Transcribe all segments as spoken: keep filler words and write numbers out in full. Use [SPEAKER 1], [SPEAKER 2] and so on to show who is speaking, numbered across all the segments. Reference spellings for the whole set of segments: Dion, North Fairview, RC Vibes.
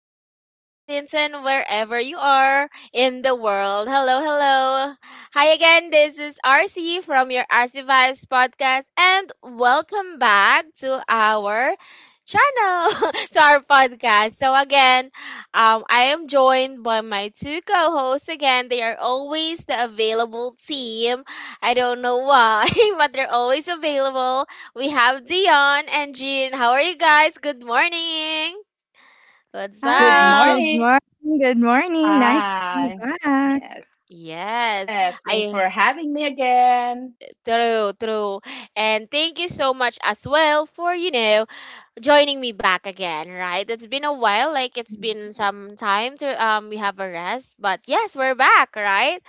[SPEAKER 1] morning, Philippines, and wherever you are in the world. Hello, hello. Hi again, this is R C from your R C Vibes podcast, and welcome back to our channel, to our podcast. So, again, um, I am joined by my two co hosts. Again, they are always the available team. I don't know why, but they're always available. We have Dion and Jean. How are you guys? Good morning. What's
[SPEAKER 2] Good
[SPEAKER 3] Hi,
[SPEAKER 1] up?
[SPEAKER 3] good
[SPEAKER 2] morning.
[SPEAKER 3] morning. Good morning. Nice to be
[SPEAKER 2] Hi.
[SPEAKER 3] back.
[SPEAKER 2] Yes.
[SPEAKER 1] Yes,
[SPEAKER 2] Yes. Thanks
[SPEAKER 1] I
[SPEAKER 2] for having me again.
[SPEAKER 1] true, true. And thank you so much as well for, you know, joining me back again, right? It's been a while, like it's been
[SPEAKER 2] Mhm.
[SPEAKER 1] some time to um we have a rest, but yes, we're back, right?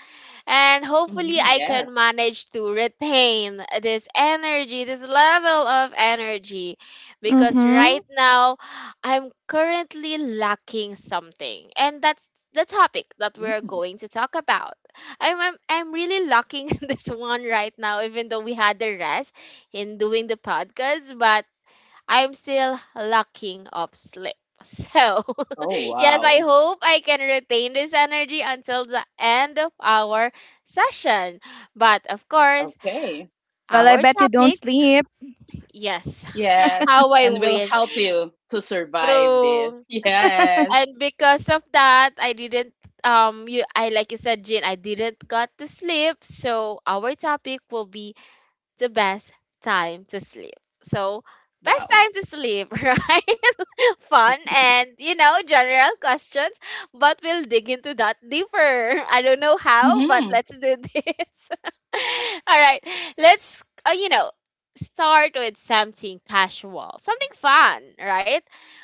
[SPEAKER 1] And hopefully
[SPEAKER 2] Mhm.
[SPEAKER 1] I can
[SPEAKER 2] Yes.
[SPEAKER 1] manage to retain this energy, this level of energy, because
[SPEAKER 3] Mm-hmm.
[SPEAKER 1] right now I'm currently lacking something, and that's the topic that we're
[SPEAKER 2] Mhm.
[SPEAKER 1] going to talk about. I'm I'm, I'm really lacking this one right now, even though we had the rest in doing the podcast, but I'm still lacking of sleep. So,
[SPEAKER 2] Oh,
[SPEAKER 1] yes, I
[SPEAKER 2] wow.
[SPEAKER 1] hope I can retain this energy until the end of our session. But of course,
[SPEAKER 2] Okay.
[SPEAKER 3] Well, I
[SPEAKER 1] our
[SPEAKER 3] bet you don't
[SPEAKER 1] topic,
[SPEAKER 3] sleep.
[SPEAKER 1] yes, how
[SPEAKER 2] Yes.
[SPEAKER 1] I
[SPEAKER 2] And we'll
[SPEAKER 1] wish.
[SPEAKER 2] help you to survive this.
[SPEAKER 1] True.
[SPEAKER 2] Yes.
[SPEAKER 1] And because of that, I didn't um you I like you said, Jin, I didn't got to sleep. So our topic will be the best time to sleep. So, best
[SPEAKER 2] Wow.
[SPEAKER 1] time to sleep, right? Fun and, you know, general questions, but we'll dig into that deeper. I don't know how, but
[SPEAKER 2] Hmm.
[SPEAKER 1] let's do this. All right, let's, uh, you know start with something casual, something fun, right?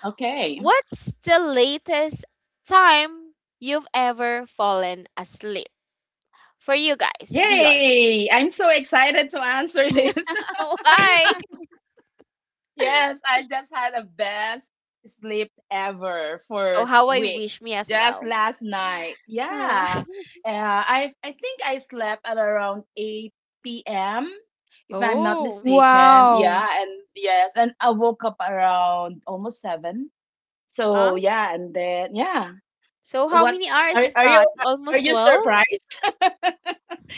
[SPEAKER 2] Okay.
[SPEAKER 1] What's the latest time you've ever fallen asleep for you guys, Dion?
[SPEAKER 2] Yay. I'm so excited to answer this.
[SPEAKER 1] Why?
[SPEAKER 2] Yes, I just had a best sleep ever
[SPEAKER 1] Oh,
[SPEAKER 2] for
[SPEAKER 1] how I wish,
[SPEAKER 2] weeks.
[SPEAKER 1] me as
[SPEAKER 2] Just
[SPEAKER 1] well.
[SPEAKER 2] last night.
[SPEAKER 1] Huh.
[SPEAKER 2] Yeah. Uh, I I think I slept at around eight p m if I'm not
[SPEAKER 1] Oh,
[SPEAKER 2] mistaken. Yeah,
[SPEAKER 3] Wow.
[SPEAKER 2] and yes, and I woke up around almost seven.
[SPEAKER 1] huh,
[SPEAKER 2] So, yeah, and then yeah.
[SPEAKER 1] so how
[SPEAKER 2] What
[SPEAKER 1] many hours
[SPEAKER 2] are
[SPEAKER 1] is
[SPEAKER 2] are you
[SPEAKER 1] that?
[SPEAKER 2] are
[SPEAKER 1] Almost
[SPEAKER 2] you
[SPEAKER 1] twelve.
[SPEAKER 2] surprised?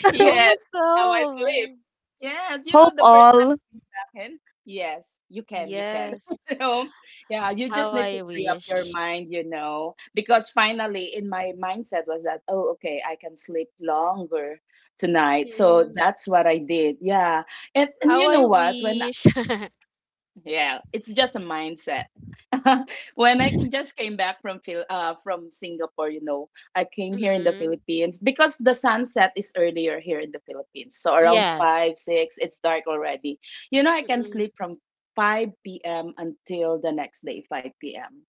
[SPEAKER 2] Yes,
[SPEAKER 1] Almost
[SPEAKER 2] that's how I sleep.
[SPEAKER 1] twelve.
[SPEAKER 2] Yes, you know,
[SPEAKER 3] Hope
[SPEAKER 2] the first time
[SPEAKER 3] all.
[SPEAKER 2] you can. Yes, you can, you can.
[SPEAKER 1] Yes.
[SPEAKER 2] You know, yeah, you
[SPEAKER 1] How
[SPEAKER 2] just need
[SPEAKER 1] I
[SPEAKER 2] to free up your
[SPEAKER 1] wish.
[SPEAKER 2] mind, you know, because finally in my mindset was that, oh, okay, I can sleep longer tonight. So
[SPEAKER 1] Mm.
[SPEAKER 2] that's what I did. Yeah. And and
[SPEAKER 1] How
[SPEAKER 2] you know
[SPEAKER 1] I
[SPEAKER 2] what? When
[SPEAKER 1] wish.
[SPEAKER 2] Yeah, it's just a mindset. When I can just came back from Phil uh from Singapore, you know, I came here in the
[SPEAKER 1] Mm.
[SPEAKER 2] Philippines because the sunset is earlier here in the Philippines. So around
[SPEAKER 1] Yes.
[SPEAKER 2] five, six, it's dark already. You know, I can
[SPEAKER 1] Mm.
[SPEAKER 2] sleep from five p m until the next day, five p m.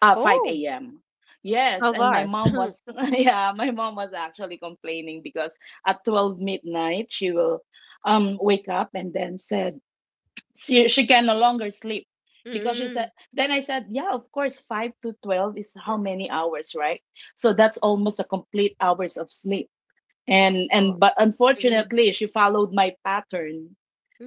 [SPEAKER 2] Uh,
[SPEAKER 1] Oh,
[SPEAKER 2] five a m. Yes,
[SPEAKER 1] twelve
[SPEAKER 2] and my
[SPEAKER 1] hours.
[SPEAKER 2] mom was yeah, my mom was actually complaining because at twelve midnight she will um wake up and then said she, she can no longer sleep because she said,
[SPEAKER 1] Mm.
[SPEAKER 2] then I said, yeah, of course five to twelve is how many hours, right? So that's almost a complete hours of sleep. and
[SPEAKER 1] Oh,
[SPEAKER 2] and but
[SPEAKER 1] mm.
[SPEAKER 2] unfortunately she followed my pattern.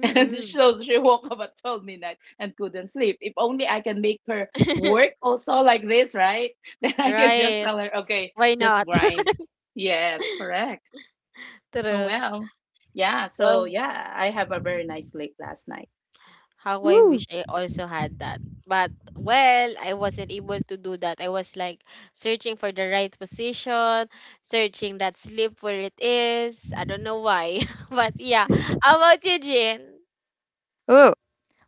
[SPEAKER 2] And so she woke up at twelve midnight and couldn't sleep. If only I can make her work also like this, right? Then I can just
[SPEAKER 1] Right.
[SPEAKER 2] tell her, okay,
[SPEAKER 1] Why
[SPEAKER 2] just
[SPEAKER 1] not?
[SPEAKER 2] grind. Yes, correct. Oh
[SPEAKER 1] True.
[SPEAKER 2] well. Yeah, so
[SPEAKER 1] Well,
[SPEAKER 2] yeah, I have a very nice sleep last night.
[SPEAKER 1] how I
[SPEAKER 3] Woo.
[SPEAKER 1] wish I also had that. But well, I wasn't able to do that. I was like searching for the right position, searching that sleep where it is. I don't know why. But yeah. How about you, Jin?
[SPEAKER 3] Ooh.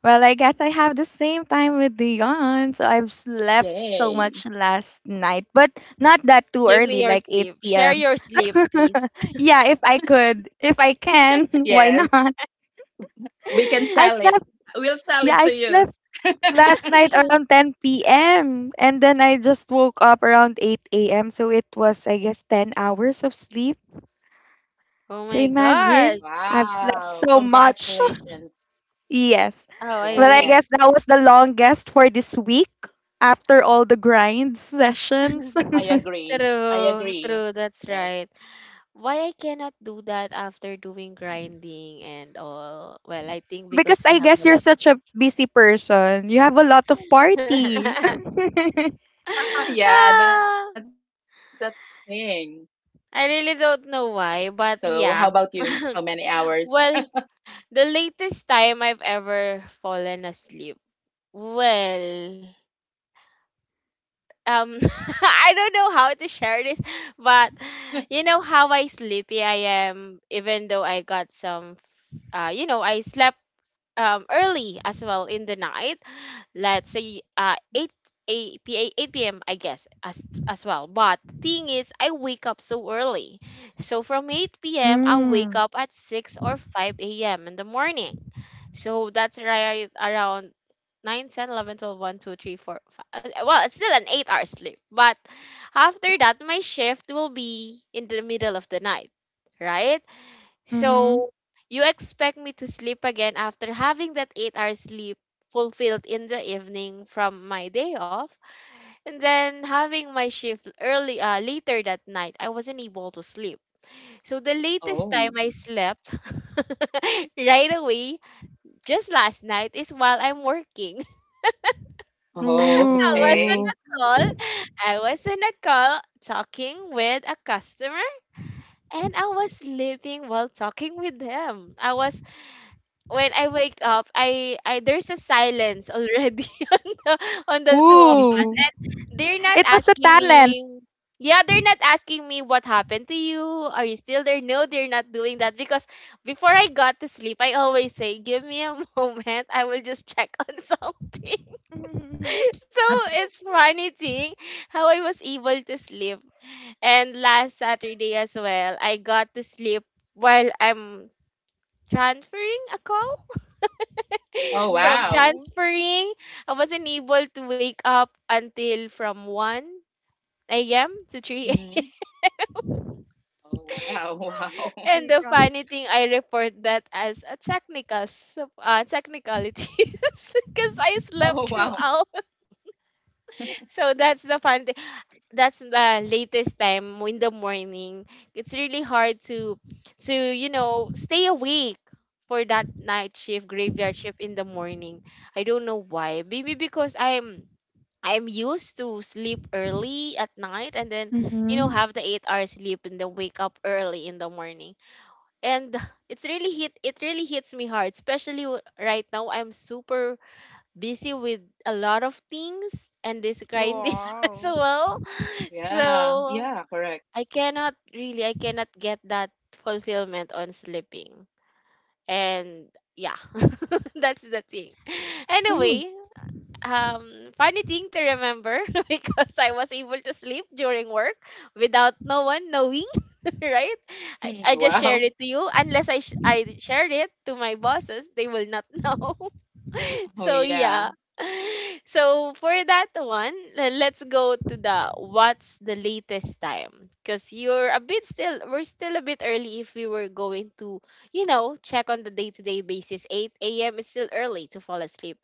[SPEAKER 3] Well, I guess I have the same time with Dion. So I've slept so
[SPEAKER 2] Yay.
[SPEAKER 3] much last night, but not that too
[SPEAKER 1] Give me
[SPEAKER 3] early,
[SPEAKER 1] your
[SPEAKER 3] like
[SPEAKER 1] sleep.
[SPEAKER 3] 8
[SPEAKER 1] Share
[SPEAKER 3] p.m.
[SPEAKER 1] your sleep, please.
[SPEAKER 3] yeah, if I could, if I can, why
[SPEAKER 2] Yes,
[SPEAKER 3] not?
[SPEAKER 2] we can sell
[SPEAKER 3] I
[SPEAKER 2] it.
[SPEAKER 3] slept,
[SPEAKER 2] We'll sell it
[SPEAKER 3] yeah,
[SPEAKER 2] to
[SPEAKER 3] I
[SPEAKER 2] you.
[SPEAKER 3] slept last night around ten p m. And then I just woke up around eight a m. So it was, I guess, ten hours of sleep.
[SPEAKER 1] Oh
[SPEAKER 3] So
[SPEAKER 1] my god.
[SPEAKER 3] imagine, I've slept
[SPEAKER 2] Wow,
[SPEAKER 3] so much.
[SPEAKER 2] congratulations.
[SPEAKER 3] Yes.
[SPEAKER 1] How I
[SPEAKER 3] But I
[SPEAKER 1] wish.
[SPEAKER 2] Yes,
[SPEAKER 3] guess that was the longest for this week after all the grind sessions.
[SPEAKER 2] I agree. I
[SPEAKER 1] True,
[SPEAKER 2] agree.
[SPEAKER 1] true, that's
[SPEAKER 2] Yes.
[SPEAKER 1] right. Why I cannot do that after doing grinding and all? Well, I think because
[SPEAKER 3] Because
[SPEAKER 1] I
[SPEAKER 3] I
[SPEAKER 1] have
[SPEAKER 3] guess
[SPEAKER 1] a
[SPEAKER 3] you're
[SPEAKER 1] lot of
[SPEAKER 3] such a busy person. You have a lot of
[SPEAKER 1] things.
[SPEAKER 3] party. mm.
[SPEAKER 2] Yeah, that's the
[SPEAKER 1] Ah,
[SPEAKER 2] thing.
[SPEAKER 1] I
[SPEAKER 2] So,
[SPEAKER 1] really
[SPEAKER 2] how
[SPEAKER 1] don't
[SPEAKER 2] about
[SPEAKER 1] know
[SPEAKER 2] you? How
[SPEAKER 1] why,
[SPEAKER 2] many
[SPEAKER 1] but yeah.
[SPEAKER 2] hours?
[SPEAKER 1] Well, the latest time I've ever fallen asleep. Well, um, I don't know how to share this, but you know how I sleepy I am, even though I got some, uh, you know, I slept um early as well in the night. Let's say, uh eight a, p- a eight p m, I guess, as as well. But the thing is, I wake up so early. So from eight p m. I wake up at six or five a m in the morning. So that's right around nine ten eleven twelve one two three four five. uh, Well, it's still an eight hour sleep. But after that, my shift will be in the middle of the night, right?
[SPEAKER 3] Mm-hmm.
[SPEAKER 1] So you expect me to sleep again after having that eight hours sleep fulfilled in the evening from my day off, and then having my shift early, uh, later that night, I wasn't able to sleep. So the latest time
[SPEAKER 2] Wow.
[SPEAKER 1] I slept right away, just last night, is while I'm working.
[SPEAKER 2] Oh,
[SPEAKER 1] I was on
[SPEAKER 2] okay.
[SPEAKER 1] a
[SPEAKER 3] Ooh.
[SPEAKER 1] call I was on a call talking with a customer, and I was sleeping while talking with them. I was When I wake up, I, I there's a silence already on the on the two of us,
[SPEAKER 3] Ooh.
[SPEAKER 1] and they're not
[SPEAKER 3] It was a
[SPEAKER 1] asking
[SPEAKER 3] talent.
[SPEAKER 1] me. Yeah, they're not asking me what happened to you. Are you still there? No, they're not doing that, because before I got to sleep, I always say, "Give me a moment. I will just check on something." So, it's funny thing how I was able to sleep. And last Saturday as well, I got to sleep while I'm transferring a call,
[SPEAKER 2] Oh,
[SPEAKER 1] from
[SPEAKER 2] wow.
[SPEAKER 3] Wow.
[SPEAKER 1] transferring, I wasn't able to wake up until from one a m to three a m
[SPEAKER 2] Hmm. Oh, wow.
[SPEAKER 3] Oh
[SPEAKER 2] Wow.
[SPEAKER 1] And
[SPEAKER 3] my
[SPEAKER 1] the
[SPEAKER 3] God.
[SPEAKER 1] funny thing, I report that as a technical, sub- uh, technicalities because I
[SPEAKER 2] Oh,
[SPEAKER 1] slept
[SPEAKER 2] wow.
[SPEAKER 1] throughout. So that's the fun thing. That's the latest time in the morning. It's really hard to, to you know, stay awake for that night shift, graveyard shift in the morning. I don't know why. Maybe because I'm I'm used to sleep early at night, and then, you know,
[SPEAKER 3] Mm-hmm.
[SPEAKER 1] have the eight hours sleep and then wake up early in the morning. And it's really hit it really hits me hard, especially w- right now. I'm super busy with a lot of things and this grinding
[SPEAKER 2] Mhm.
[SPEAKER 1] as
[SPEAKER 3] Wow.
[SPEAKER 1] well.
[SPEAKER 2] Yeah,
[SPEAKER 1] So
[SPEAKER 2] yeah, correct.
[SPEAKER 1] I cannot really I cannot get that fulfillment on sleeping. And yeah, that's the thing.
[SPEAKER 3] Ooh.
[SPEAKER 1] Anyway, um funny thing to remember because I was able to sleep during work without no one knowing, right? I, I just shared
[SPEAKER 2] Wow.
[SPEAKER 1] it to you. Unless I sh- I shared it to my bosses, they will not know.
[SPEAKER 2] Oh,
[SPEAKER 1] So
[SPEAKER 2] yeah.
[SPEAKER 1] yeah. So for that one, le- let's go to the, what's the latest time? Because you're a bit still, we're still a bit early if we were going to, you know, check on the day to day basis. eight a m is still early to fall asleep.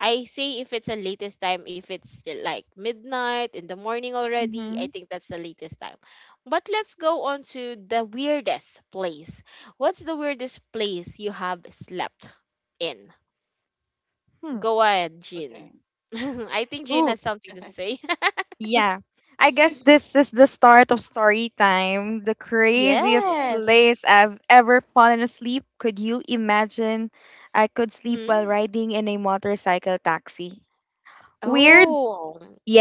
[SPEAKER 1] I say, if it's a latest time, if it's still like midnight in the morning already, I
[SPEAKER 3] Mm-hmm.
[SPEAKER 1] think that's the latest time. But let's go on to the weirdest place. What's the weirdest place you have slept in?
[SPEAKER 3] Hmm.
[SPEAKER 1] Go ahead, Jean.
[SPEAKER 2] Okay.
[SPEAKER 1] I think Jean
[SPEAKER 3] Ooh.
[SPEAKER 1] has something to say.
[SPEAKER 3] Yeah. I guess this is the start of story time. The craziest
[SPEAKER 2] Yeah.
[SPEAKER 1] Yes.
[SPEAKER 3] place I've ever fallen asleep. Could you imagine? I could sleep while
[SPEAKER 1] Mm.
[SPEAKER 3] riding in a motorcycle taxi. Weird?
[SPEAKER 1] Oh.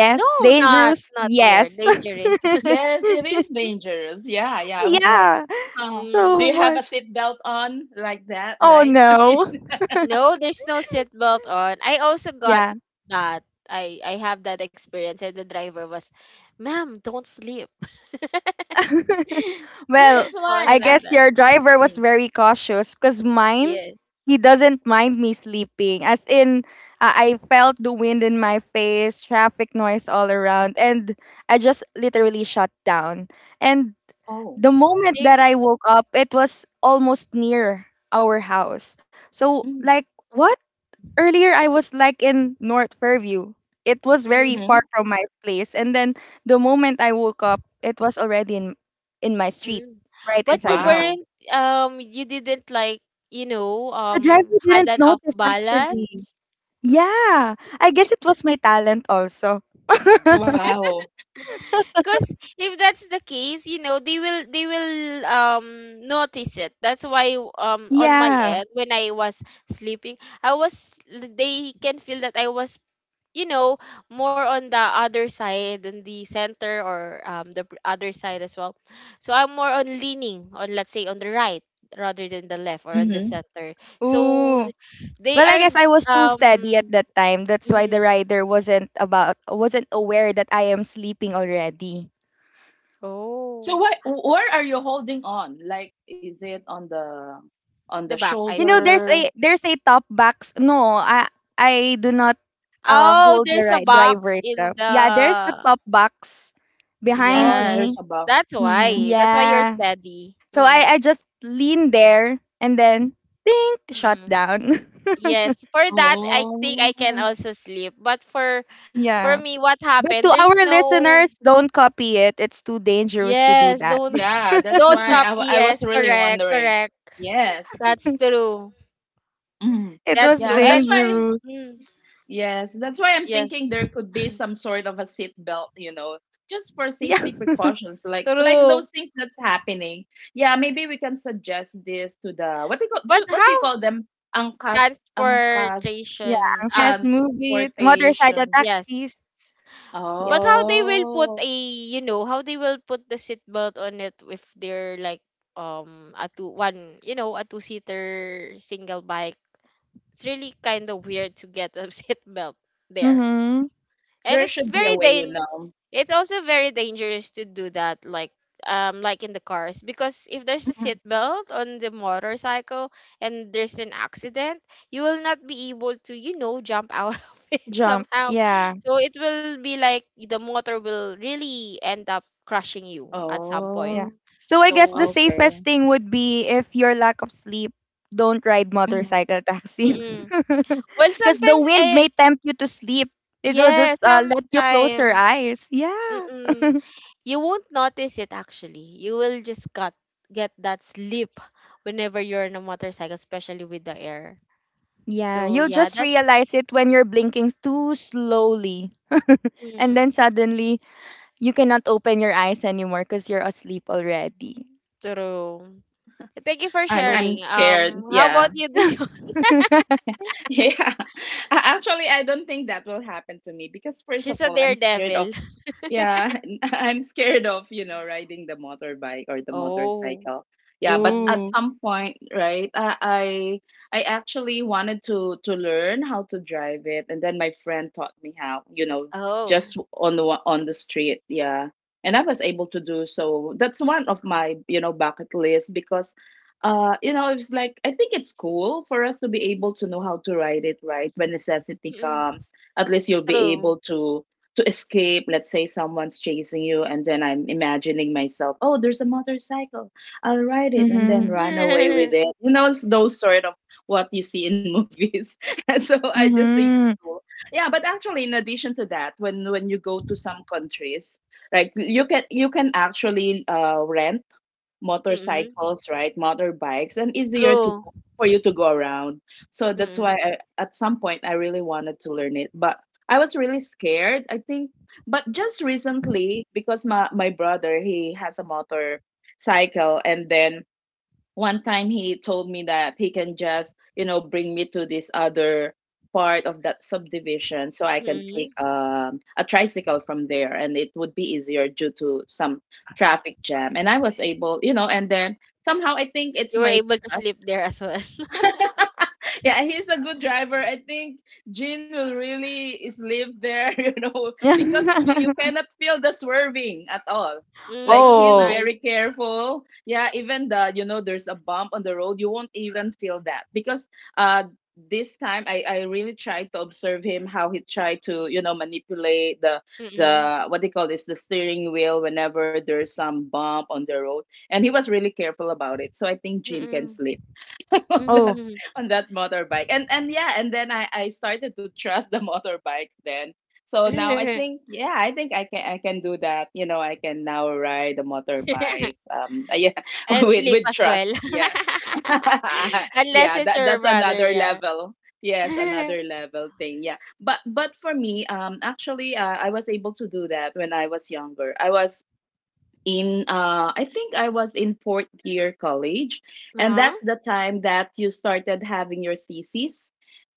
[SPEAKER 1] No,
[SPEAKER 2] Like,
[SPEAKER 1] not
[SPEAKER 3] Dangerous?
[SPEAKER 1] not weird.
[SPEAKER 3] Yes.
[SPEAKER 1] Dangerous.
[SPEAKER 2] yes, it is dangerous. Yeah, yeah. I was like,
[SPEAKER 3] yeah.
[SPEAKER 2] huh, do
[SPEAKER 3] So
[SPEAKER 2] you
[SPEAKER 1] Mm.
[SPEAKER 2] have a
[SPEAKER 3] much.
[SPEAKER 2] seatbelt on like that,
[SPEAKER 3] Oh
[SPEAKER 2] right?
[SPEAKER 3] no.
[SPEAKER 1] No, there's no seatbelt on. I also got
[SPEAKER 3] Yeah.
[SPEAKER 1] that. I I have that experience and the driver was, "Ma'am, don't sleep."
[SPEAKER 3] well,
[SPEAKER 2] That's
[SPEAKER 1] I was
[SPEAKER 2] why.
[SPEAKER 3] I
[SPEAKER 2] Uh,
[SPEAKER 1] like
[SPEAKER 3] guess
[SPEAKER 1] that.
[SPEAKER 3] your driver was
[SPEAKER 2] mm,
[SPEAKER 3] very cautious because mine,
[SPEAKER 1] Yeah.
[SPEAKER 3] he doesn't mind me sleeping. As in, uh, I felt the wind in my face, traffic noise all around, and I just literally shut down. And
[SPEAKER 2] oh,
[SPEAKER 3] the moment
[SPEAKER 1] They,
[SPEAKER 3] that I woke up, it was almost near our house. So, like,
[SPEAKER 2] mm.
[SPEAKER 3] what? Earlier I was like in North Fairview. It was very far
[SPEAKER 2] Hmm.
[SPEAKER 3] from my place. And then the moment I woke up, it was already in in my street,
[SPEAKER 1] mm.
[SPEAKER 3] right
[SPEAKER 1] But you
[SPEAKER 3] inside my
[SPEAKER 2] Wow,
[SPEAKER 3] house.
[SPEAKER 1] weren't um you didn't, like, you know,
[SPEAKER 3] The driver
[SPEAKER 1] um had
[SPEAKER 3] didn't
[SPEAKER 1] an off
[SPEAKER 3] notice actually.
[SPEAKER 1] balance.
[SPEAKER 3] Yeah. I guess it was my talent also.
[SPEAKER 2] wow.
[SPEAKER 1] Cause if that's the case, you know, they will they will um notice it. That's why, um on my
[SPEAKER 3] yeah.
[SPEAKER 1] end, when I was sleeping, I was they can feel that I was, you know more on the other side and the center or um the pr- other side as well so I'm more on leaning on, let's say, on the right rather than the left or on the
[SPEAKER 2] Hmm.
[SPEAKER 1] center. So
[SPEAKER 3] Ooh.
[SPEAKER 1] they
[SPEAKER 3] Well, I
[SPEAKER 1] are,
[SPEAKER 3] guess I was too steady at
[SPEAKER 1] um
[SPEAKER 3] that time. That's why the
[SPEAKER 1] mhm.
[SPEAKER 3] rider wasn't about wasn't aware that I am sleeping already.
[SPEAKER 2] So
[SPEAKER 1] Oh,
[SPEAKER 2] what? Where are you holding on? Like, is it on the on the
[SPEAKER 1] the back, I
[SPEAKER 3] You know,
[SPEAKER 1] think.
[SPEAKER 3] there's
[SPEAKER 2] shoulder?
[SPEAKER 3] a there's a top box. No, I I do not uh
[SPEAKER 1] Oh,
[SPEAKER 3] hold the
[SPEAKER 1] there's a
[SPEAKER 3] right driver
[SPEAKER 1] box in
[SPEAKER 3] itself. Yeah, there's a
[SPEAKER 1] the...
[SPEAKER 3] top box behind
[SPEAKER 2] Oh,
[SPEAKER 1] Yes,
[SPEAKER 2] there's
[SPEAKER 3] me.
[SPEAKER 2] a buff.
[SPEAKER 1] that's
[SPEAKER 2] Mm-hmm.
[SPEAKER 1] why that's why you're
[SPEAKER 3] Yeah.
[SPEAKER 1] steady.
[SPEAKER 3] So I I just lean there and then think shut
[SPEAKER 1] Mm-mm.
[SPEAKER 3] down.
[SPEAKER 1] Yes, for that I think I can
[SPEAKER 2] Oh,
[SPEAKER 1] also sleep. But for for
[SPEAKER 3] yeah.
[SPEAKER 1] me, what
[SPEAKER 3] But
[SPEAKER 1] happened,
[SPEAKER 3] to
[SPEAKER 1] there's
[SPEAKER 3] our
[SPEAKER 1] no...
[SPEAKER 3] listeners, don't copy it. It's too dangerous to do
[SPEAKER 1] Yes,
[SPEAKER 3] that.
[SPEAKER 1] don't
[SPEAKER 2] yeah. That's
[SPEAKER 1] don't
[SPEAKER 2] why I, wa-
[SPEAKER 1] copy.
[SPEAKER 2] I was
[SPEAKER 1] Yes,
[SPEAKER 2] really
[SPEAKER 1] correct,
[SPEAKER 2] wondering.
[SPEAKER 1] correct.
[SPEAKER 2] Yes.
[SPEAKER 1] That's true.
[SPEAKER 2] Mm.
[SPEAKER 3] It
[SPEAKER 1] That's
[SPEAKER 3] was
[SPEAKER 1] true.
[SPEAKER 2] Yeah, that's
[SPEAKER 1] And
[SPEAKER 2] why.
[SPEAKER 3] dangerous.
[SPEAKER 1] mm,
[SPEAKER 2] Yes, that's why I'm
[SPEAKER 1] yes,
[SPEAKER 2] thinking there could be some sort of a seat belt, you know, just for
[SPEAKER 3] Yeah.
[SPEAKER 2] safety precautions, like like
[SPEAKER 1] true.
[SPEAKER 2] those things that's happening. Yeah, maybe we can suggest this to the what do you call
[SPEAKER 1] But
[SPEAKER 2] do, what do you
[SPEAKER 1] how
[SPEAKER 2] call them? Angkas angkas
[SPEAKER 1] transportation?
[SPEAKER 3] Yeah.
[SPEAKER 1] Ah,
[SPEAKER 3] Has movie, motorcycle
[SPEAKER 2] transportation.
[SPEAKER 1] yes.
[SPEAKER 3] taxis. Yeah.
[SPEAKER 1] But how they will put a,
[SPEAKER 2] Oh,
[SPEAKER 1] you know, how they will put the seatbelt on it if they're like, um a two one, you know, a two seater single bike. It's really kind of weird to get a seatbelt there.
[SPEAKER 3] Mm-hmm.
[SPEAKER 1] And
[SPEAKER 2] there
[SPEAKER 1] it's
[SPEAKER 2] should be
[SPEAKER 1] very
[SPEAKER 2] a way, you
[SPEAKER 1] dan-
[SPEAKER 2] know.
[SPEAKER 1] it's also very dangerous to do that, like um like in the cars, because if there's a
[SPEAKER 2] Mhm.
[SPEAKER 1] seatbelt on the motorcycle and there's an accident, you will not be able to, you know jump out of it
[SPEAKER 3] Jump.
[SPEAKER 1] somehow.
[SPEAKER 3] Yeah.
[SPEAKER 1] So it will be like the motor will really end up crushing you at some point.
[SPEAKER 3] Yeah.
[SPEAKER 2] Oh,
[SPEAKER 3] So I guess
[SPEAKER 1] So
[SPEAKER 3] the
[SPEAKER 1] it's,
[SPEAKER 2] okay.
[SPEAKER 3] safest thing would be if your lack of sleep, don't ride
[SPEAKER 2] Mhm.
[SPEAKER 3] motorcycle taxi.
[SPEAKER 1] mm-mm. Well,
[SPEAKER 3] Because the
[SPEAKER 1] sometimes,
[SPEAKER 3] wind
[SPEAKER 1] eh,
[SPEAKER 3] may tempt you to sleep. It will
[SPEAKER 1] yeah,
[SPEAKER 3] just uh, let you close your
[SPEAKER 1] sometimes.
[SPEAKER 3] eyes. Yeah.
[SPEAKER 1] Mm-mm. You won't notice it actually. You will just got get that slip whenever you're on a motorcycle, especially with the air.
[SPEAKER 3] Yeah.
[SPEAKER 1] So
[SPEAKER 3] You'll
[SPEAKER 1] yeah,
[SPEAKER 3] just
[SPEAKER 1] that's,
[SPEAKER 3] realize it when you're blinking too slowly.
[SPEAKER 1] mm,
[SPEAKER 3] and then suddenly you cannot open your eyes anymore because you're asleep already.
[SPEAKER 1] true. Thank you for
[SPEAKER 2] I'm
[SPEAKER 3] So
[SPEAKER 2] I'm
[SPEAKER 1] sharing.
[SPEAKER 2] scared.
[SPEAKER 1] Um, how about
[SPEAKER 2] Yeah.
[SPEAKER 1] you, Dio?
[SPEAKER 2] Yeah. A- Actually, I don't think that will happen to me because first of
[SPEAKER 1] She's a
[SPEAKER 2] all, I'm scared of
[SPEAKER 1] daredevil.
[SPEAKER 2] yeah, I'm scared of, you know, riding the motorbike or the
[SPEAKER 1] Oh.
[SPEAKER 2] motorcycle. Yeah, but at
[SPEAKER 3] Ooh.
[SPEAKER 1] Mm-mm.
[SPEAKER 2] some point, right, I I I actually wanted to to learn how to drive it, and then my friend taught me how, you know, just
[SPEAKER 1] Oh.
[SPEAKER 2] on the wa- on the street, yeah. And I was able to do so. That's one of my, you know, bucket list because uh, you know, it's like I think it's cool for us to be able to know how to ride it, right? When necessity
[SPEAKER 1] Mm-mm.
[SPEAKER 2] comes, at least you'll be able
[SPEAKER 1] True.
[SPEAKER 2] to to escape, let's say someone's chasing you, and then I'm imagining myself, oh, there's a motorcycle, I'll ride it and then
[SPEAKER 3] Mm-hmm.
[SPEAKER 2] run away with it. You know, it's those sort of what you see in movies. And so I just think it's
[SPEAKER 3] Mm-hmm.
[SPEAKER 2] cool. Yeah, but actually in addition to that, when when you go to some countries, like you can you can actually uh, rent
[SPEAKER 1] Mm-mm.
[SPEAKER 2] motorcycles, right? Motorbikes, and easier to
[SPEAKER 1] True.
[SPEAKER 2] for you to go around. So that's why
[SPEAKER 1] Mm-mm.
[SPEAKER 2] I, at some point I really wanted to learn it, but I was really scared, I think, but just recently, because my my brother he has a motorcycle, and then one time he told me that he can just you know bring me to this other part of that subdivision so I can take
[SPEAKER 1] Mm-mm.
[SPEAKER 2] um, a tricycle from there, and it would be easier due to some traffic jam. And I was able, you know and then somehow I think it's
[SPEAKER 1] You were
[SPEAKER 2] my
[SPEAKER 1] able to
[SPEAKER 2] trust.
[SPEAKER 1] sleep there as well.
[SPEAKER 2] Yeah, he's a good driver. I think Jin will really is live there, you know, because you, you cannot feel the swerving at all. Like,
[SPEAKER 1] Mm,
[SPEAKER 2] he's
[SPEAKER 3] oh.
[SPEAKER 1] nice.
[SPEAKER 2] very careful. Yeah, even the you know there's a bump on the road, you won't even feel that because uh this time I I really tried to observe him how he tried to you know manipulate the
[SPEAKER 1] Mm-mm.
[SPEAKER 2] the what they call this, the steering wheel, whenever there's some bump on the road, and he was really careful about it. So I think Jin can slip. on that
[SPEAKER 3] Oh.
[SPEAKER 1] Mm-mm.
[SPEAKER 2] on that motorbike. And and yeah, and then i i started to trust the motorbikes. Then so now I think, yeah, I think i can i can do that, you know I can now ride the motorbikes um yeah,
[SPEAKER 1] And
[SPEAKER 2] with
[SPEAKER 1] sleep
[SPEAKER 2] with
[SPEAKER 1] as
[SPEAKER 2] trust,
[SPEAKER 1] well.
[SPEAKER 2] yeah.
[SPEAKER 1] Unless
[SPEAKER 2] Yeah,
[SPEAKER 1] it's
[SPEAKER 2] that,
[SPEAKER 1] your
[SPEAKER 2] that's
[SPEAKER 1] brother,
[SPEAKER 2] another
[SPEAKER 1] yeah.
[SPEAKER 2] level. Yes, another level thing. Yeah, but but for me, um actually, uh, I was able to do that when I was younger. i was in uh I think I was in fourth year college, and
[SPEAKER 1] Uh-huh.
[SPEAKER 2] that's the time that you started having your thesis,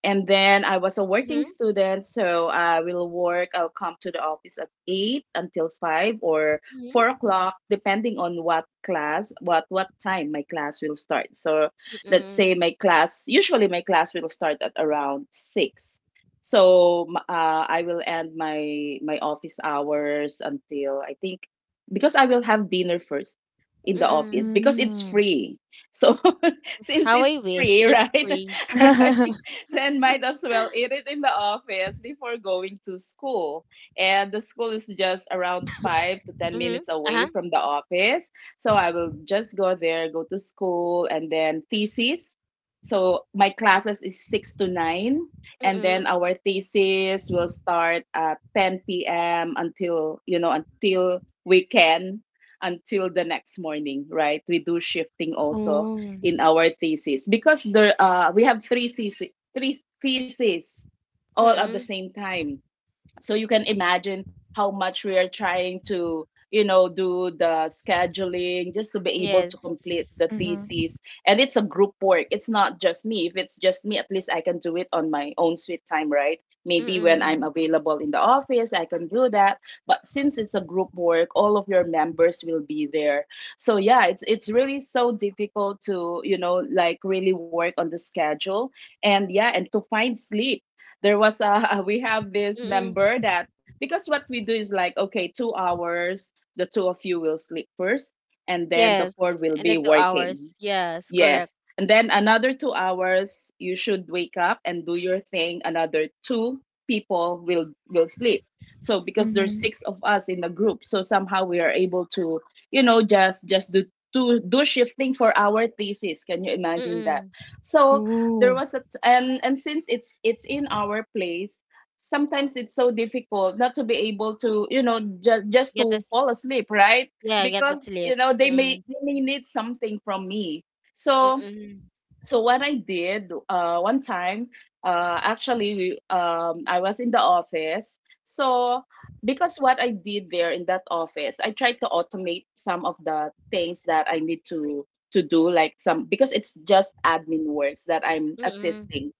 [SPEAKER 2] and then I was a working
[SPEAKER 1] Mhm.
[SPEAKER 2] student, so I will work I'll come to the office at eight until five or
[SPEAKER 1] Mhm.
[SPEAKER 2] four o'clock depending on what class what what time my class will start. So let's say
[SPEAKER 1] Mm-mm.
[SPEAKER 2] my class usually my class will start at around six. So m- uh, I will end my my office hours until, I think, because I will have dinner first in the office
[SPEAKER 1] Mm-mm.
[SPEAKER 2] because it's
[SPEAKER 3] 음.
[SPEAKER 2] free. So since
[SPEAKER 1] How
[SPEAKER 2] it's
[SPEAKER 1] I
[SPEAKER 2] free,
[SPEAKER 1] wish it's
[SPEAKER 2] right?
[SPEAKER 1] free.
[SPEAKER 2] Right? Then might as well eat it in the office before going to school. And the school is just around five to ten
[SPEAKER 1] Mhm.
[SPEAKER 2] minutes away
[SPEAKER 1] Uh-huh.
[SPEAKER 2] from the office. So I will just go there, go to school and then thesis. So my classes is six to nine, and then
[SPEAKER 1] Mm-mm.
[SPEAKER 2] our thesis will start at ten p m until, you know until we can until the next morning, right? We do shifting also
[SPEAKER 3] 어.
[SPEAKER 2] in our thesis because there uh we have three thesis three theses all at the
[SPEAKER 1] Mm-mm.
[SPEAKER 2] same time. So you can imagine how much we are trying to you know do the scheduling just to be able to complete
[SPEAKER 1] Yes.
[SPEAKER 2] the
[SPEAKER 3] Mhm.
[SPEAKER 2] thesis. And it's a group work, it's not just me. If it's just me, at least I can do it on my own sweet time, right? Maybe when I'm
[SPEAKER 1] Mm-mm.
[SPEAKER 2] available in the office I can do that. But since it's a group work, all of your members will be there. So yeah, it's it's really so difficult to you know like really work on the schedule, and yeah, and to find sleep. There was a we have this
[SPEAKER 1] Mm-mm.
[SPEAKER 2] member that, because what we do is like, okay, two hours, the two of you will sleep first, and then the
[SPEAKER 1] Yes.
[SPEAKER 2] four will
[SPEAKER 1] And
[SPEAKER 2] be
[SPEAKER 1] then two
[SPEAKER 2] working.
[SPEAKER 1] hours. Yes, correct.
[SPEAKER 2] Yes. And then another two hours, you should wake up and do your thing. Another two people will will sleep. So because there's
[SPEAKER 3] Mhm.
[SPEAKER 2] six of us in the group, so somehow we are able to, you know, just just do to do shifting for our thesis. Can you imagine that?
[SPEAKER 1] Mm-mm.
[SPEAKER 2] So there
[SPEAKER 3] Ooh.
[SPEAKER 2] was a t- and and since it's it's in our place, sometimes it's so difficult not to be able to, you know, just just
[SPEAKER 1] Get
[SPEAKER 2] to
[SPEAKER 1] this.
[SPEAKER 2] fall asleep, right?
[SPEAKER 1] Yeah, get the
[SPEAKER 2] Because
[SPEAKER 1] sleep.
[SPEAKER 2] you know they may
[SPEAKER 1] Mm-mm.
[SPEAKER 2] they may need something from me, so
[SPEAKER 1] Mm-mm.
[SPEAKER 2] so what I did, uh, one time, uh, actually, we, um, I was in the office. So because what I did there in that office, I tried to automate some of the things that I need to to do, like some, because it's just admin works that I'm
[SPEAKER 1] Mm-mm.
[SPEAKER 2] assisting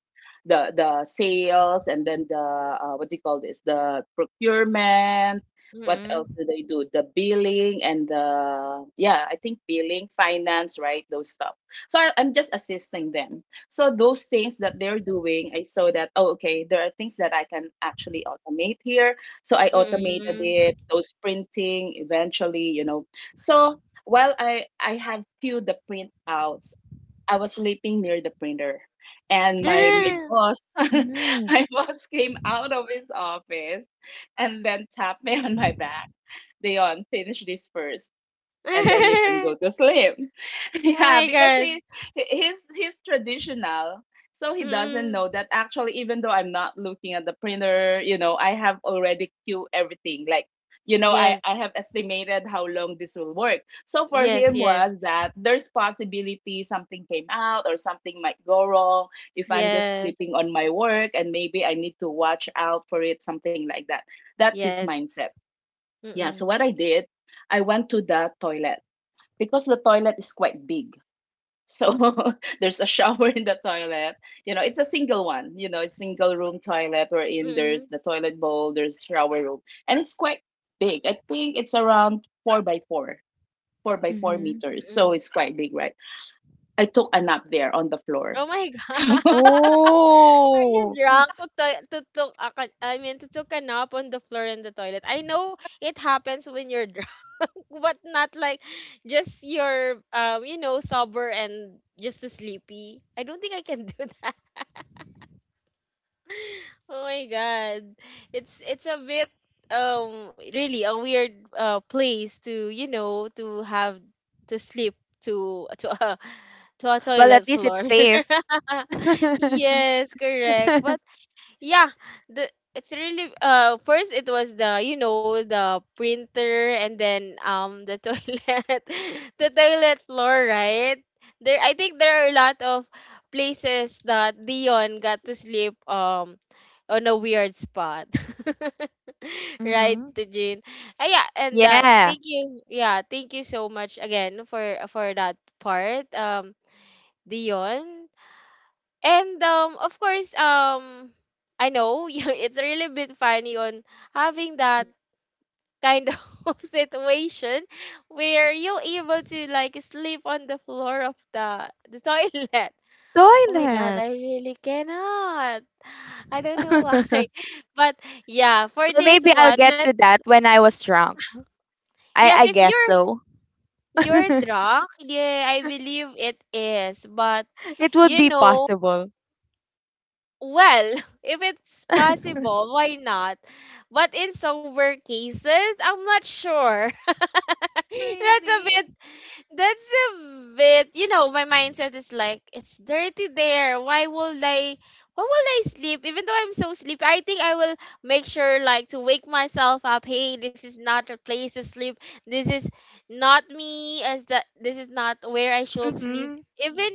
[SPEAKER 2] the the sales, and then the uh, what do you call this, the procurement. What
[SPEAKER 1] Mm-mm.
[SPEAKER 2] else do they do? The billing, and the yeah I think billing finance, right? Those stuff. So I, i'm just assisting them. So those things that they're doing, I saw that, oh, okay, there are things that I can actually automate here. So I automated
[SPEAKER 1] Mm-mm.
[SPEAKER 2] it, those printing eventually, you know so while i i have few the printouts, I was sleeping near the printer. And my my boss,
[SPEAKER 3] Mhm.
[SPEAKER 2] my boss came out of his office and then tapped me on my back. Dion, finish this first and then you can go to sleep.
[SPEAKER 1] Oh
[SPEAKER 2] Yeah,
[SPEAKER 1] my
[SPEAKER 2] because
[SPEAKER 1] God.
[SPEAKER 2] he he- he's he's traditional. So he doesn't know
[SPEAKER 1] Mm.
[SPEAKER 2] that, actually, even though I'm not looking at the printer, you know, I have already queued everything. Like, you know, I,
[SPEAKER 1] Yes.
[SPEAKER 2] I have estimated how long this will work. So for
[SPEAKER 1] Yes,
[SPEAKER 2] him
[SPEAKER 1] yes.
[SPEAKER 2] was that there's possibility something came out or something might go wrong if I'm just
[SPEAKER 1] Yes.
[SPEAKER 2] sleeping on my work and maybe I need to watch out for it, something like that. That's his
[SPEAKER 1] Yes.
[SPEAKER 2] mindset. Yeah. So
[SPEAKER 1] Mm-mm.
[SPEAKER 2] what I did, I went to the toilet because the toilet is quite big. So there's a shower in the toilet. You know, it's a single one. You know, it's single room toilet wherein there's
[SPEAKER 1] Mm-mm.
[SPEAKER 2] the toilet bowl, there's shower room, and it's quite big. I think it's around four by four, four by four
[SPEAKER 3] Mhm.
[SPEAKER 2] meters. So
[SPEAKER 1] Mm-mm.
[SPEAKER 2] it's quite big, right? I took a nap there on the floor.
[SPEAKER 1] Oh my
[SPEAKER 2] So,
[SPEAKER 1] God. Are you
[SPEAKER 3] Oh!
[SPEAKER 1] drunk, to, to, to took a, ca- I mean to took a nap on the floor in the toilet? I know it happens when you're drunk, but not like, just you're, um, you know, sober and just sleepy. I don't think I can do that. Oh my god. It's it's a bit, um really a weird, uh place to, you know, to have to sleep, to to a to a
[SPEAKER 3] Well, at
[SPEAKER 1] toilet
[SPEAKER 3] least
[SPEAKER 1] floor.
[SPEAKER 3] it's safe.
[SPEAKER 1] Yes, correct. But yeah, the it's really uh first it was the you know the printer and then um the toilet the toilet floor, right? There, I think there are a lot of places that Dion got to sleep um on a weird spot. Right,
[SPEAKER 3] Mhm.
[SPEAKER 1] Tejin? Ah yeah, and that
[SPEAKER 3] Yeah.
[SPEAKER 1] thank you. Yeah, thank you so much again for for that part. Um Dion. And um, of course, um, I know you- it's really a bit funny on having that kind of situation where you're able to like sleep on the floor of the the toilet. Oh my God,
[SPEAKER 3] Toilet.
[SPEAKER 1] I really cannot. I don't know why. But yeah, for
[SPEAKER 3] Well,
[SPEAKER 1] this
[SPEAKER 3] maybe I'll
[SPEAKER 1] one,
[SPEAKER 3] get
[SPEAKER 1] let
[SPEAKER 3] to that when I was drunk. I
[SPEAKER 1] yes,
[SPEAKER 3] I
[SPEAKER 1] if
[SPEAKER 3] guess
[SPEAKER 1] you're
[SPEAKER 3] so.
[SPEAKER 1] you're drunk, yeah, I believe it is. But
[SPEAKER 3] It would
[SPEAKER 1] you
[SPEAKER 3] be
[SPEAKER 1] know
[SPEAKER 3] possible.
[SPEAKER 1] Well, if it's possible, why not? But in sober cases, I'm not sure. that's a
[SPEAKER 3] Really?
[SPEAKER 1] bit, that's a bit, you know, my mindset is like, it's dirty there. Why will I, why will I sleep? Even though I'm so sleepy, I think I will make sure, like, to wake myself up. Hey, this is not a place to sleep. This is not me, as that, this is not where I should sleep.
[SPEAKER 3] Mhm.
[SPEAKER 1] Even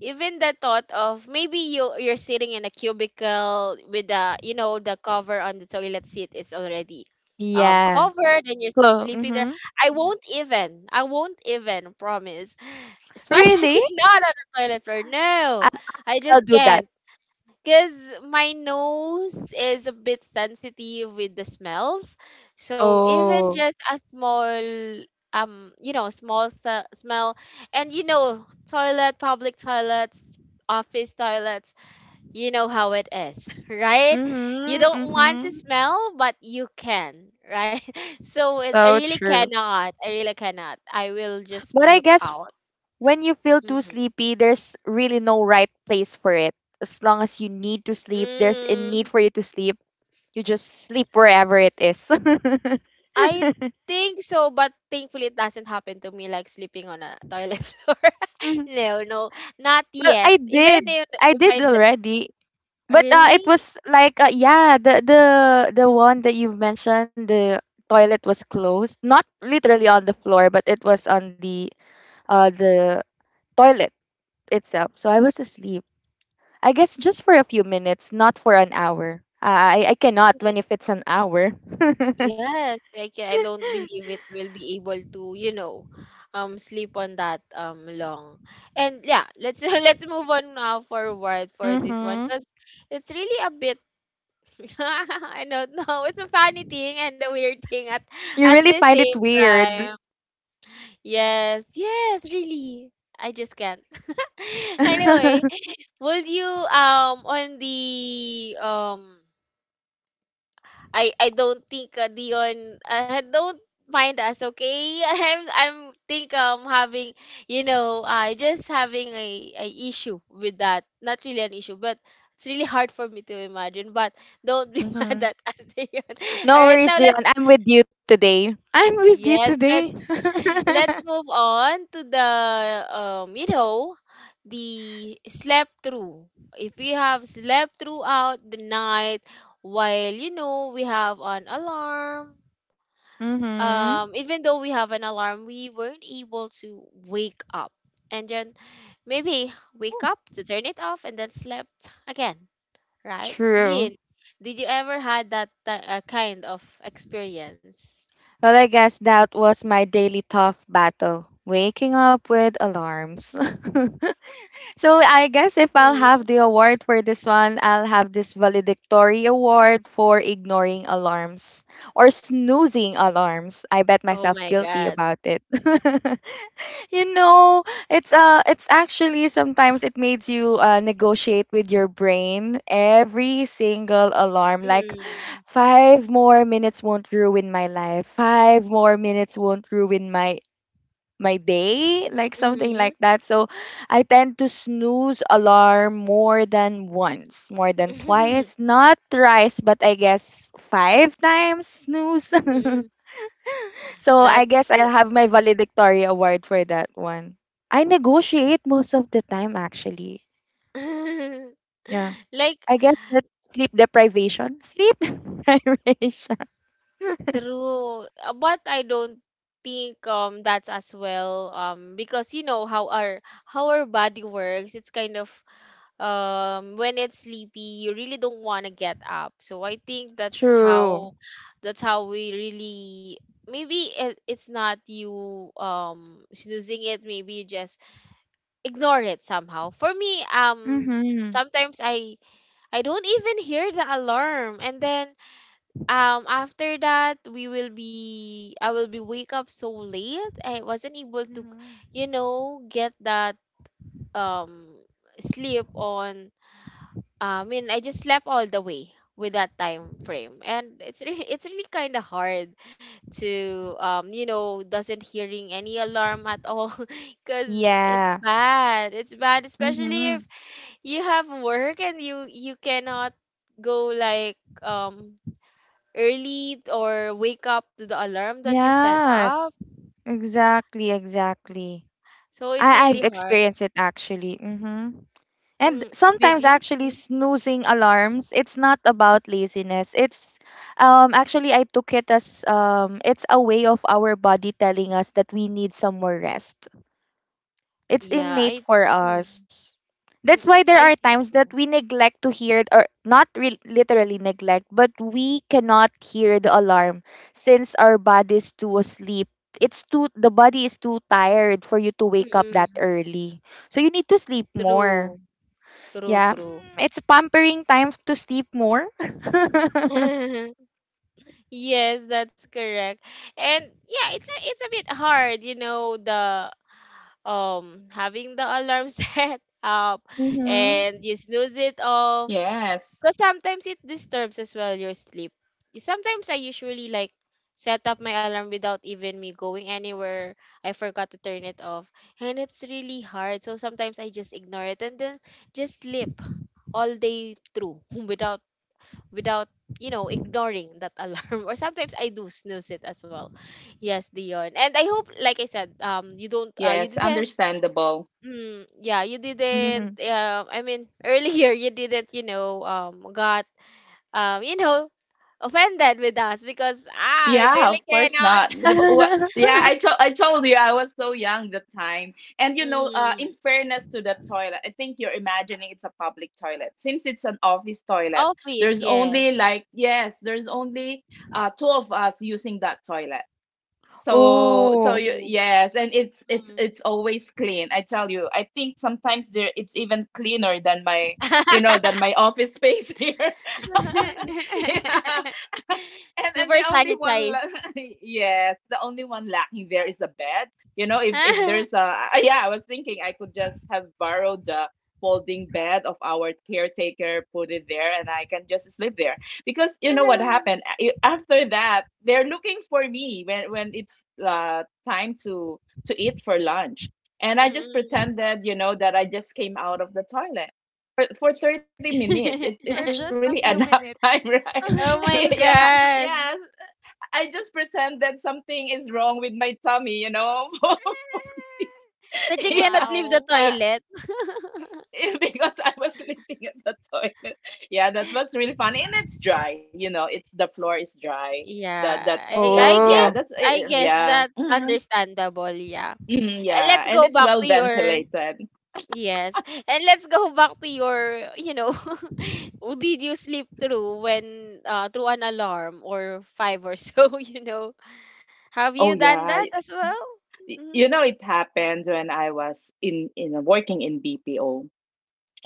[SPEAKER 1] Even the thought of maybe you you're sitting in a cubicle with the you know the cover on the toilet seat is already um
[SPEAKER 3] Yeah.
[SPEAKER 1] covered and you're
[SPEAKER 3] So
[SPEAKER 1] sleeping there.
[SPEAKER 3] mhm.
[SPEAKER 1] i won't even I won't even promise,
[SPEAKER 3] Really?
[SPEAKER 1] especially not on the toilet floor.
[SPEAKER 3] I
[SPEAKER 1] no I
[SPEAKER 3] I'll
[SPEAKER 1] just
[SPEAKER 3] do that.
[SPEAKER 1] can't, because my nose is a bit sensitive with the smells. So even
[SPEAKER 3] Oh.
[SPEAKER 1] just a small um you know small se- smell, and you know toilet public toilets, office toilets, you know how it is. Right, you
[SPEAKER 3] Mhm,
[SPEAKER 1] don't want to
[SPEAKER 3] mhm.
[SPEAKER 1] smell but you can, right? So it, I
[SPEAKER 3] So
[SPEAKER 1] really
[SPEAKER 3] true.
[SPEAKER 1] cannot, i really cannot I will just
[SPEAKER 3] But I
[SPEAKER 1] puke
[SPEAKER 3] guess
[SPEAKER 1] out.
[SPEAKER 3] when you feel too
[SPEAKER 1] Mm-hmm.
[SPEAKER 3] sleepy, there's really no right place for it. As long as you need to sleep, there's a need
[SPEAKER 1] Mm-hmm.
[SPEAKER 3] for you to sleep. You just sleep wherever it is.
[SPEAKER 1] I think so, but thankfully it doesn't happen to me like sleeping on a toilet floor.
[SPEAKER 3] Mhm.
[SPEAKER 1] no, No, not
[SPEAKER 3] Well,
[SPEAKER 1] yet.
[SPEAKER 3] I
[SPEAKER 1] Even
[SPEAKER 3] did.
[SPEAKER 1] if,
[SPEAKER 3] I
[SPEAKER 1] if
[SPEAKER 3] did
[SPEAKER 1] I dr-
[SPEAKER 3] already. But uh,
[SPEAKER 1] really,
[SPEAKER 3] it was like uh, yeah, the the the one that you've mentioned, the toilet was closed. Not literally on the floor, but it was on the uh the toilet itself. So I was asleep. I guess just for a few minutes, not for an hour. I I cannot
[SPEAKER 1] Mm,
[SPEAKER 3] when if it's an hour.
[SPEAKER 1] yes, like I don't believe it will be able to, you know, um, sleep on that um long. And yeah, let's let's move on now forward for this one
[SPEAKER 3] mhm.
[SPEAKER 1] because it's really a bit. I don't know. It's a funny thing and a weird thing at
[SPEAKER 3] You
[SPEAKER 1] at
[SPEAKER 3] really
[SPEAKER 1] the
[SPEAKER 3] find
[SPEAKER 1] same
[SPEAKER 3] it weird.
[SPEAKER 1] time. Yes, yes, really. I just can't. Anyway, will you um on the um I I don't think uh, Dion, uh, don't mind us, okay? I'm I'm think um having, you know, I just having a, a issue with that. Not really an issue, but it's really hard for me to imagine. But don't be mad
[SPEAKER 3] Mhm.
[SPEAKER 1] at us, Dion. All
[SPEAKER 3] No
[SPEAKER 1] right,
[SPEAKER 3] worries,
[SPEAKER 1] now let's
[SPEAKER 3] Dion. I'm with you today. I'm with you
[SPEAKER 1] yes,
[SPEAKER 3] today.
[SPEAKER 1] let's let's move on to the um, you know, the slept through. If we have slept throughout the night while, you know, we have an alarm,
[SPEAKER 3] mhm.
[SPEAKER 1] um, even though we have an alarm, we weren't able to wake up. And then maybe wake up to turn it off and then slept again, right?
[SPEAKER 3] True.
[SPEAKER 1] Jean, did you ever had that ti- uh, kind of experience?
[SPEAKER 3] Well, I guess that was my daily tough battle, waking up with alarms. So I guess if I'll have
[SPEAKER 1] Mhm.
[SPEAKER 3] the award for this one, I'll have this valedictory award for ignoring alarms or snoozing alarms. I bet
[SPEAKER 1] Oh
[SPEAKER 3] myself
[SPEAKER 1] my
[SPEAKER 3] guilty
[SPEAKER 1] God.
[SPEAKER 3] about it. you know, it's uh it's actually sometimes it makes you uh, negotiate with your brain every single alarm like
[SPEAKER 1] Mm.
[SPEAKER 3] five more minutes won't ruin my life. Five more minutes won't ruin my my day, like something like
[SPEAKER 1] Mhm.
[SPEAKER 3] that. So I tend to snooze alarm more than once, more than twice,
[SPEAKER 1] Mm.
[SPEAKER 3] not thrice, but I guess five times snooze. So I
[SPEAKER 1] That's
[SPEAKER 3] guess I'll
[SPEAKER 1] correct.
[SPEAKER 3] have my valedictory award for that one. I negotiate most of the time actually. Yeah.
[SPEAKER 1] Like
[SPEAKER 3] I guess that's sleep deprivation. Sleep deprivation.
[SPEAKER 1] true, uh, but I don't think um that's as well um because you know how our how our body works. It's kind of um when it's sleepy, you really don't want to get up. So I think that's
[SPEAKER 3] True.
[SPEAKER 1] how that's how we really maybe it, it's not you um snoozing it. Maybe you just ignore it somehow. For me, um,
[SPEAKER 3] Mhm.
[SPEAKER 1] sometimes I I don't even hear the alarm, and then um after that we will be I will be wake up so late. I wasn't able to,
[SPEAKER 3] Mhm.
[SPEAKER 1] you know, get that um sleep on. I mean, I just slept all the way with that time frame, and it's really, it's really kind of hard to um you know doesn't hearing any alarm at all because it's
[SPEAKER 3] Yeah.
[SPEAKER 1] bad. It's bad, especially
[SPEAKER 3] Mm-hmm.
[SPEAKER 1] if you have work and you you cannot go like um early, or wake up to the alarm that you set up.
[SPEAKER 3] Yes. Exactly, exactly.
[SPEAKER 1] So it's
[SPEAKER 3] I
[SPEAKER 1] really
[SPEAKER 3] I've
[SPEAKER 1] hard.
[SPEAKER 3] experienced it actually. Mm-hmm. And
[SPEAKER 1] mm, did
[SPEAKER 3] sometimes
[SPEAKER 1] you
[SPEAKER 3] actually
[SPEAKER 1] mm,
[SPEAKER 3] snoozing alarms, it's not about laziness. It's um actually I took it as um it's a way of our body telling us that we need some more rest. It's
[SPEAKER 1] yeah
[SPEAKER 3] innate
[SPEAKER 1] I
[SPEAKER 3] for
[SPEAKER 1] mm,
[SPEAKER 3] us. That's
[SPEAKER 1] mm,
[SPEAKER 3] why there
[SPEAKER 1] I
[SPEAKER 3] are
[SPEAKER 1] think
[SPEAKER 3] times
[SPEAKER 1] so.
[SPEAKER 3] that we neglect to hear it, or not re- literally neglect, but we cannot hear the alarm since our body is too asleep. It's too the body is too tired for you to wake up that
[SPEAKER 1] Mm-mm.
[SPEAKER 3] early. So you need to sleep more.
[SPEAKER 1] True, true
[SPEAKER 3] Yeah, Mm,
[SPEAKER 1] true.
[SPEAKER 3] it's pampering time to sleep more.
[SPEAKER 1] Yes, that's correct. And yeah, it's a, it's a bit hard, you know, the um having the alarm set up,
[SPEAKER 3] hmm
[SPEAKER 1] and you snooze it off.
[SPEAKER 2] yes,
[SPEAKER 1] Because sometimes it disturbs as well your sleep. Sometimes I usually like set up my alarm without even me going anywhere. I forgot to turn it off. And it's really hard. So sometimes I just ignore it and then just sleep all day through without without you know ignoring that alarm. Or sometimes I do snooze it as well. Yes, Dion, and I hope like I said, um you don't uh you
[SPEAKER 2] yes,
[SPEAKER 1] didn't
[SPEAKER 2] understandable.
[SPEAKER 1] mm, yeah, you didn't
[SPEAKER 3] hmm
[SPEAKER 1] um I mean earlier you didn't, you know, um got um, you know, offended with us because ah, it
[SPEAKER 2] Yeah,
[SPEAKER 1] really
[SPEAKER 2] of course
[SPEAKER 1] cannot.
[SPEAKER 2] not. Di ba- What? Yeah, I told I told you I was so young the time. And you know, uh,
[SPEAKER 1] Mm.
[SPEAKER 2] in fairness to the toilet, I think you're imagining it's a public toilet. Since it's an office toilet,
[SPEAKER 1] Office,
[SPEAKER 2] there's
[SPEAKER 1] yes.
[SPEAKER 2] only like yes, there's only uh two of us using that toilet. So so
[SPEAKER 3] oh.
[SPEAKER 2] you,
[SPEAKER 1] Mm.
[SPEAKER 2] yes, and it's it's
[SPEAKER 1] Mm.
[SPEAKER 2] it's always clean. I tell you, I think sometimes there it's even cleaner than my you know than my office space here. Yeah. and and
[SPEAKER 1] Super
[SPEAKER 2] the only one
[SPEAKER 1] sanitized.
[SPEAKER 2] la- yes, the only one lacking there is a bed. You know, if if there's a I- yeah, I was thinking I could just have borrowed the folding bed of our caretaker, put it there, and I can just sleep there. Because you know what happened, A- after that they're looking for me when when it's uh time to to eat for lunch. And I just
[SPEAKER 1] Mm-mm.
[SPEAKER 2] pretended, you know that I just came out of the toilet for, for thirty minutes. it,
[SPEAKER 3] For
[SPEAKER 2] it's
[SPEAKER 3] just a
[SPEAKER 2] really a
[SPEAKER 3] few
[SPEAKER 2] nap
[SPEAKER 3] minutes.
[SPEAKER 2] time, right?
[SPEAKER 1] Oh my
[SPEAKER 2] Yeah,
[SPEAKER 1] god.
[SPEAKER 2] yeah. I just pretend that something is wrong with my tummy, you know.
[SPEAKER 1] That you cannot leave
[SPEAKER 2] Yeah,
[SPEAKER 1] the
[SPEAKER 3] Wow.
[SPEAKER 2] but
[SPEAKER 1] toilet.
[SPEAKER 2] because I was sleeping at the toilet. Yeah, that was really fun, and it's dry. You know, it's the floor is dry.
[SPEAKER 1] Yeah. I,
[SPEAKER 2] That.
[SPEAKER 1] I
[SPEAKER 2] Yeah.
[SPEAKER 1] guess
[SPEAKER 2] That's
[SPEAKER 3] Oh.
[SPEAKER 2] eh, eh,
[SPEAKER 1] I guess
[SPEAKER 2] yeah,
[SPEAKER 1] that's
[SPEAKER 2] mm,
[SPEAKER 1] understandable, yeah.
[SPEAKER 2] mm,
[SPEAKER 1] Eh,
[SPEAKER 2] yeah,
[SPEAKER 1] Let's
[SPEAKER 2] and
[SPEAKER 1] go
[SPEAKER 2] it's
[SPEAKER 1] back
[SPEAKER 2] well
[SPEAKER 1] to your
[SPEAKER 2] ventilated.
[SPEAKER 1] yes. And let's go back to your, you know, w- did you sleep through when uh through an alarm or five or so, you know? Have you
[SPEAKER 2] Oh
[SPEAKER 1] done that
[SPEAKER 2] yeah,
[SPEAKER 1] as well?
[SPEAKER 2] Y-
[SPEAKER 1] Hmm.
[SPEAKER 2] you know it happened when I was in in working in B P O.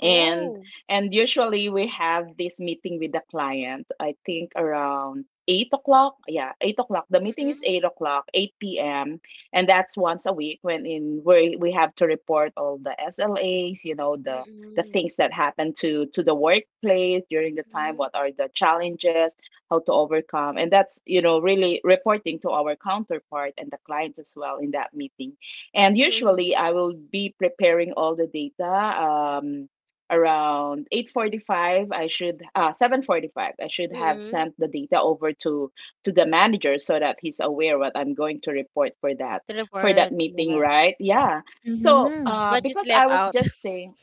[SPEAKER 2] and and usually we have this meeting with the client. I think around eight o'clock, yeah, eight o'clock, the meeting is
[SPEAKER 1] Mm-mm.
[SPEAKER 2] eight o'clock, eight p.m. And that's once a week, when in where we have to report all the S L As, you know, the the
[SPEAKER 1] Mm-mm.
[SPEAKER 2] things that happen to to the workplace during the time,
[SPEAKER 1] Mm-mm.
[SPEAKER 2] what are the challenges, how to overcome. And that's, you know really reporting to our counterpart and the clients as well in that meeting. And
[SPEAKER 1] Mm-mm.
[SPEAKER 2] usually I will be preparing all the data, um, around eight forty-five, I should, uh seven forty-five, I should have
[SPEAKER 1] Mm-mm.
[SPEAKER 2] sent the data over to to the manager so that he's aware what I'm going to report for that
[SPEAKER 1] The
[SPEAKER 2] for that
[SPEAKER 1] report,
[SPEAKER 2] meeting,
[SPEAKER 1] yes.
[SPEAKER 2] right? Yeah. So
[SPEAKER 3] Mm-hmm.
[SPEAKER 2] uh
[SPEAKER 1] But you
[SPEAKER 2] because
[SPEAKER 1] slept
[SPEAKER 2] I was
[SPEAKER 1] out.
[SPEAKER 2] just staying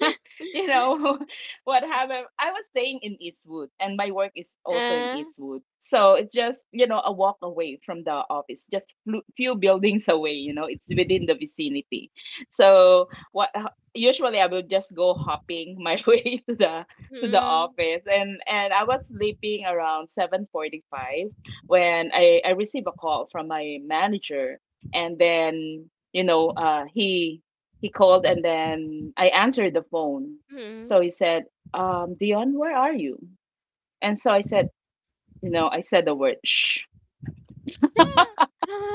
[SPEAKER 2] you know what happened, I was staying in Eastwood, and my work is also in
[SPEAKER 1] uh,
[SPEAKER 2] Eastwood, so it's just, you know a walk away from the office. Just flu- few buildings away. You know it's within the vicinity. So what ho- usually I would just go hopping my way to the to the
[SPEAKER 1] mm-mm.
[SPEAKER 2] office. And and I was sleeping around seven forty-five when i i received a call from my manager. And then, you know uh he he called and then I answered the phone. So
[SPEAKER 1] Mm-mm.
[SPEAKER 2] he said, um, Dion, where are you? And so I said, you know, I said the word shh.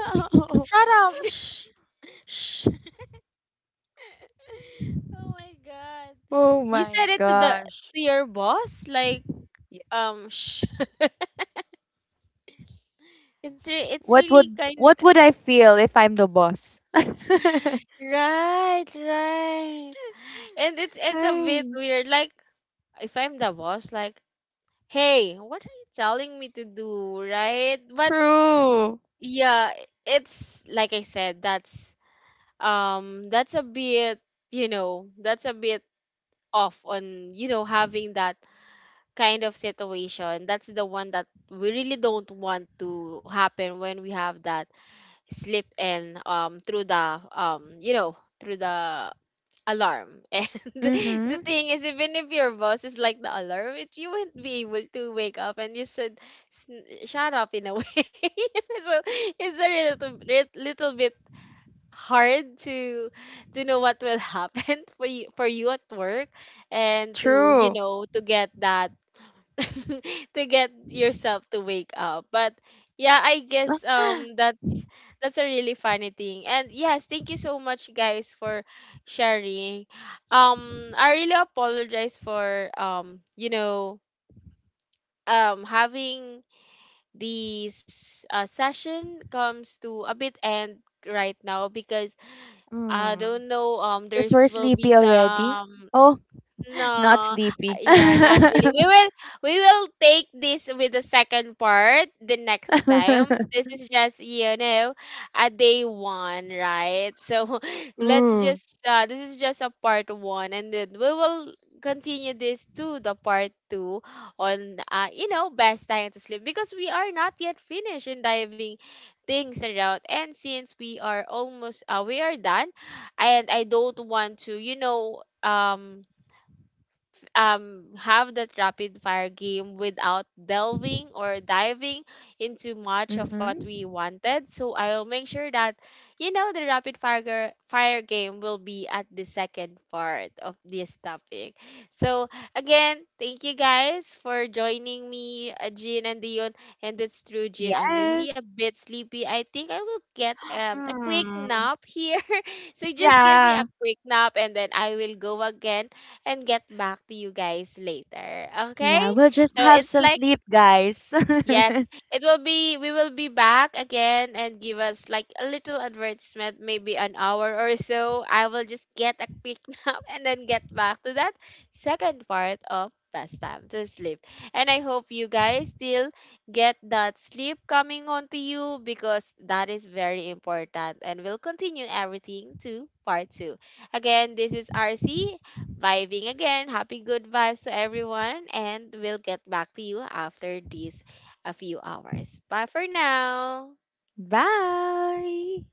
[SPEAKER 1] Shut up. Shh. Shh. Oh my god.
[SPEAKER 3] Oh
[SPEAKER 1] You
[SPEAKER 3] my
[SPEAKER 1] said it to the
[SPEAKER 3] gosh.
[SPEAKER 1] to your boss like um sh- it's re- it's
[SPEAKER 3] What
[SPEAKER 1] really
[SPEAKER 3] would
[SPEAKER 1] kind
[SPEAKER 3] what would I feel if I'm the boss?
[SPEAKER 1] right, right. And it's it's a bit
[SPEAKER 3] Hey,
[SPEAKER 1] weird like if I'm the boss like, hey, what are you telling me to do, right? But
[SPEAKER 3] true.
[SPEAKER 1] yeah, it's like I said, that's um that's a bit, you know, that's a bit off on, you know, having that kind of situation. That's the one that we really don't want to happen when we have that slip and um through the um you know through the alarm. And the
[SPEAKER 3] Mm-hmm.
[SPEAKER 1] thing is, even if your boss is like the alarm, it you won't be able to wake up, and you said "S- shut up" in a way. So it's a little, lit- little bit hard to to know what will happen for you for you at work, and to, you
[SPEAKER 3] True.
[SPEAKER 1] know, to get that to get yourself to wake up. But yeah, I guess um that's that's a really funny thing. And yes, thank you so much guys for sharing. Um I really apologize for um you know um having this uh, session comes to a bit end right now because I
[SPEAKER 3] Mm.
[SPEAKER 1] don't know um
[SPEAKER 3] Because
[SPEAKER 1] there's
[SPEAKER 3] we're
[SPEAKER 1] will be
[SPEAKER 3] sleepy already.
[SPEAKER 1] some
[SPEAKER 3] Oh, not
[SPEAKER 1] no, uh,
[SPEAKER 3] sleepy.
[SPEAKER 1] yeah, not really. We will we will take this with the second part the next time. This
[SPEAKER 3] mm-hmm.
[SPEAKER 1] is just, you know, a day one, right? So let's
[SPEAKER 3] Ooh.
[SPEAKER 1] just uh, this is just a part one, and then we will continue this to the part two on uh, you know, best time to sleep, because we are not yet finished in diving things around. And since we are almost uh, we are done, and I don't want to, you know, um um have that rapid fire game without delving or diving into much of what
[SPEAKER 3] Mm-hmm.
[SPEAKER 1] we wanted. So I'll make sure that, you know, the rapid fire gar- fire game will be at the second part of this topic. So again, thank you guys for joining me, uh, Jean and Dion. And it's true, Jean. I'm really
[SPEAKER 3] Yes.
[SPEAKER 1] a bit sleepy. I think I will get um, a quick
[SPEAKER 3] Mm.
[SPEAKER 1] nap here. So just give me a
[SPEAKER 3] Yeah.
[SPEAKER 1] quick nap and then I will go again and get back to you guys later. Okay?
[SPEAKER 3] Yeah, we'll just
[SPEAKER 1] So
[SPEAKER 3] have
[SPEAKER 1] it's
[SPEAKER 3] some
[SPEAKER 1] like
[SPEAKER 3] sleep, guys.
[SPEAKER 1] yes, it will be. We will be back again, and give us like a little advertisement, maybe an hour or so. I will just get a quick nap and then get back to that second part of best time to sleep. And I hope you guys still get that sleep coming onto you, because that is very important. And we'll continue everything to part two. Again, this is R C vibing again. Happy good vibes to everyone, and we'll get back to you after this a few hours. Bye for now.
[SPEAKER 3] Bye.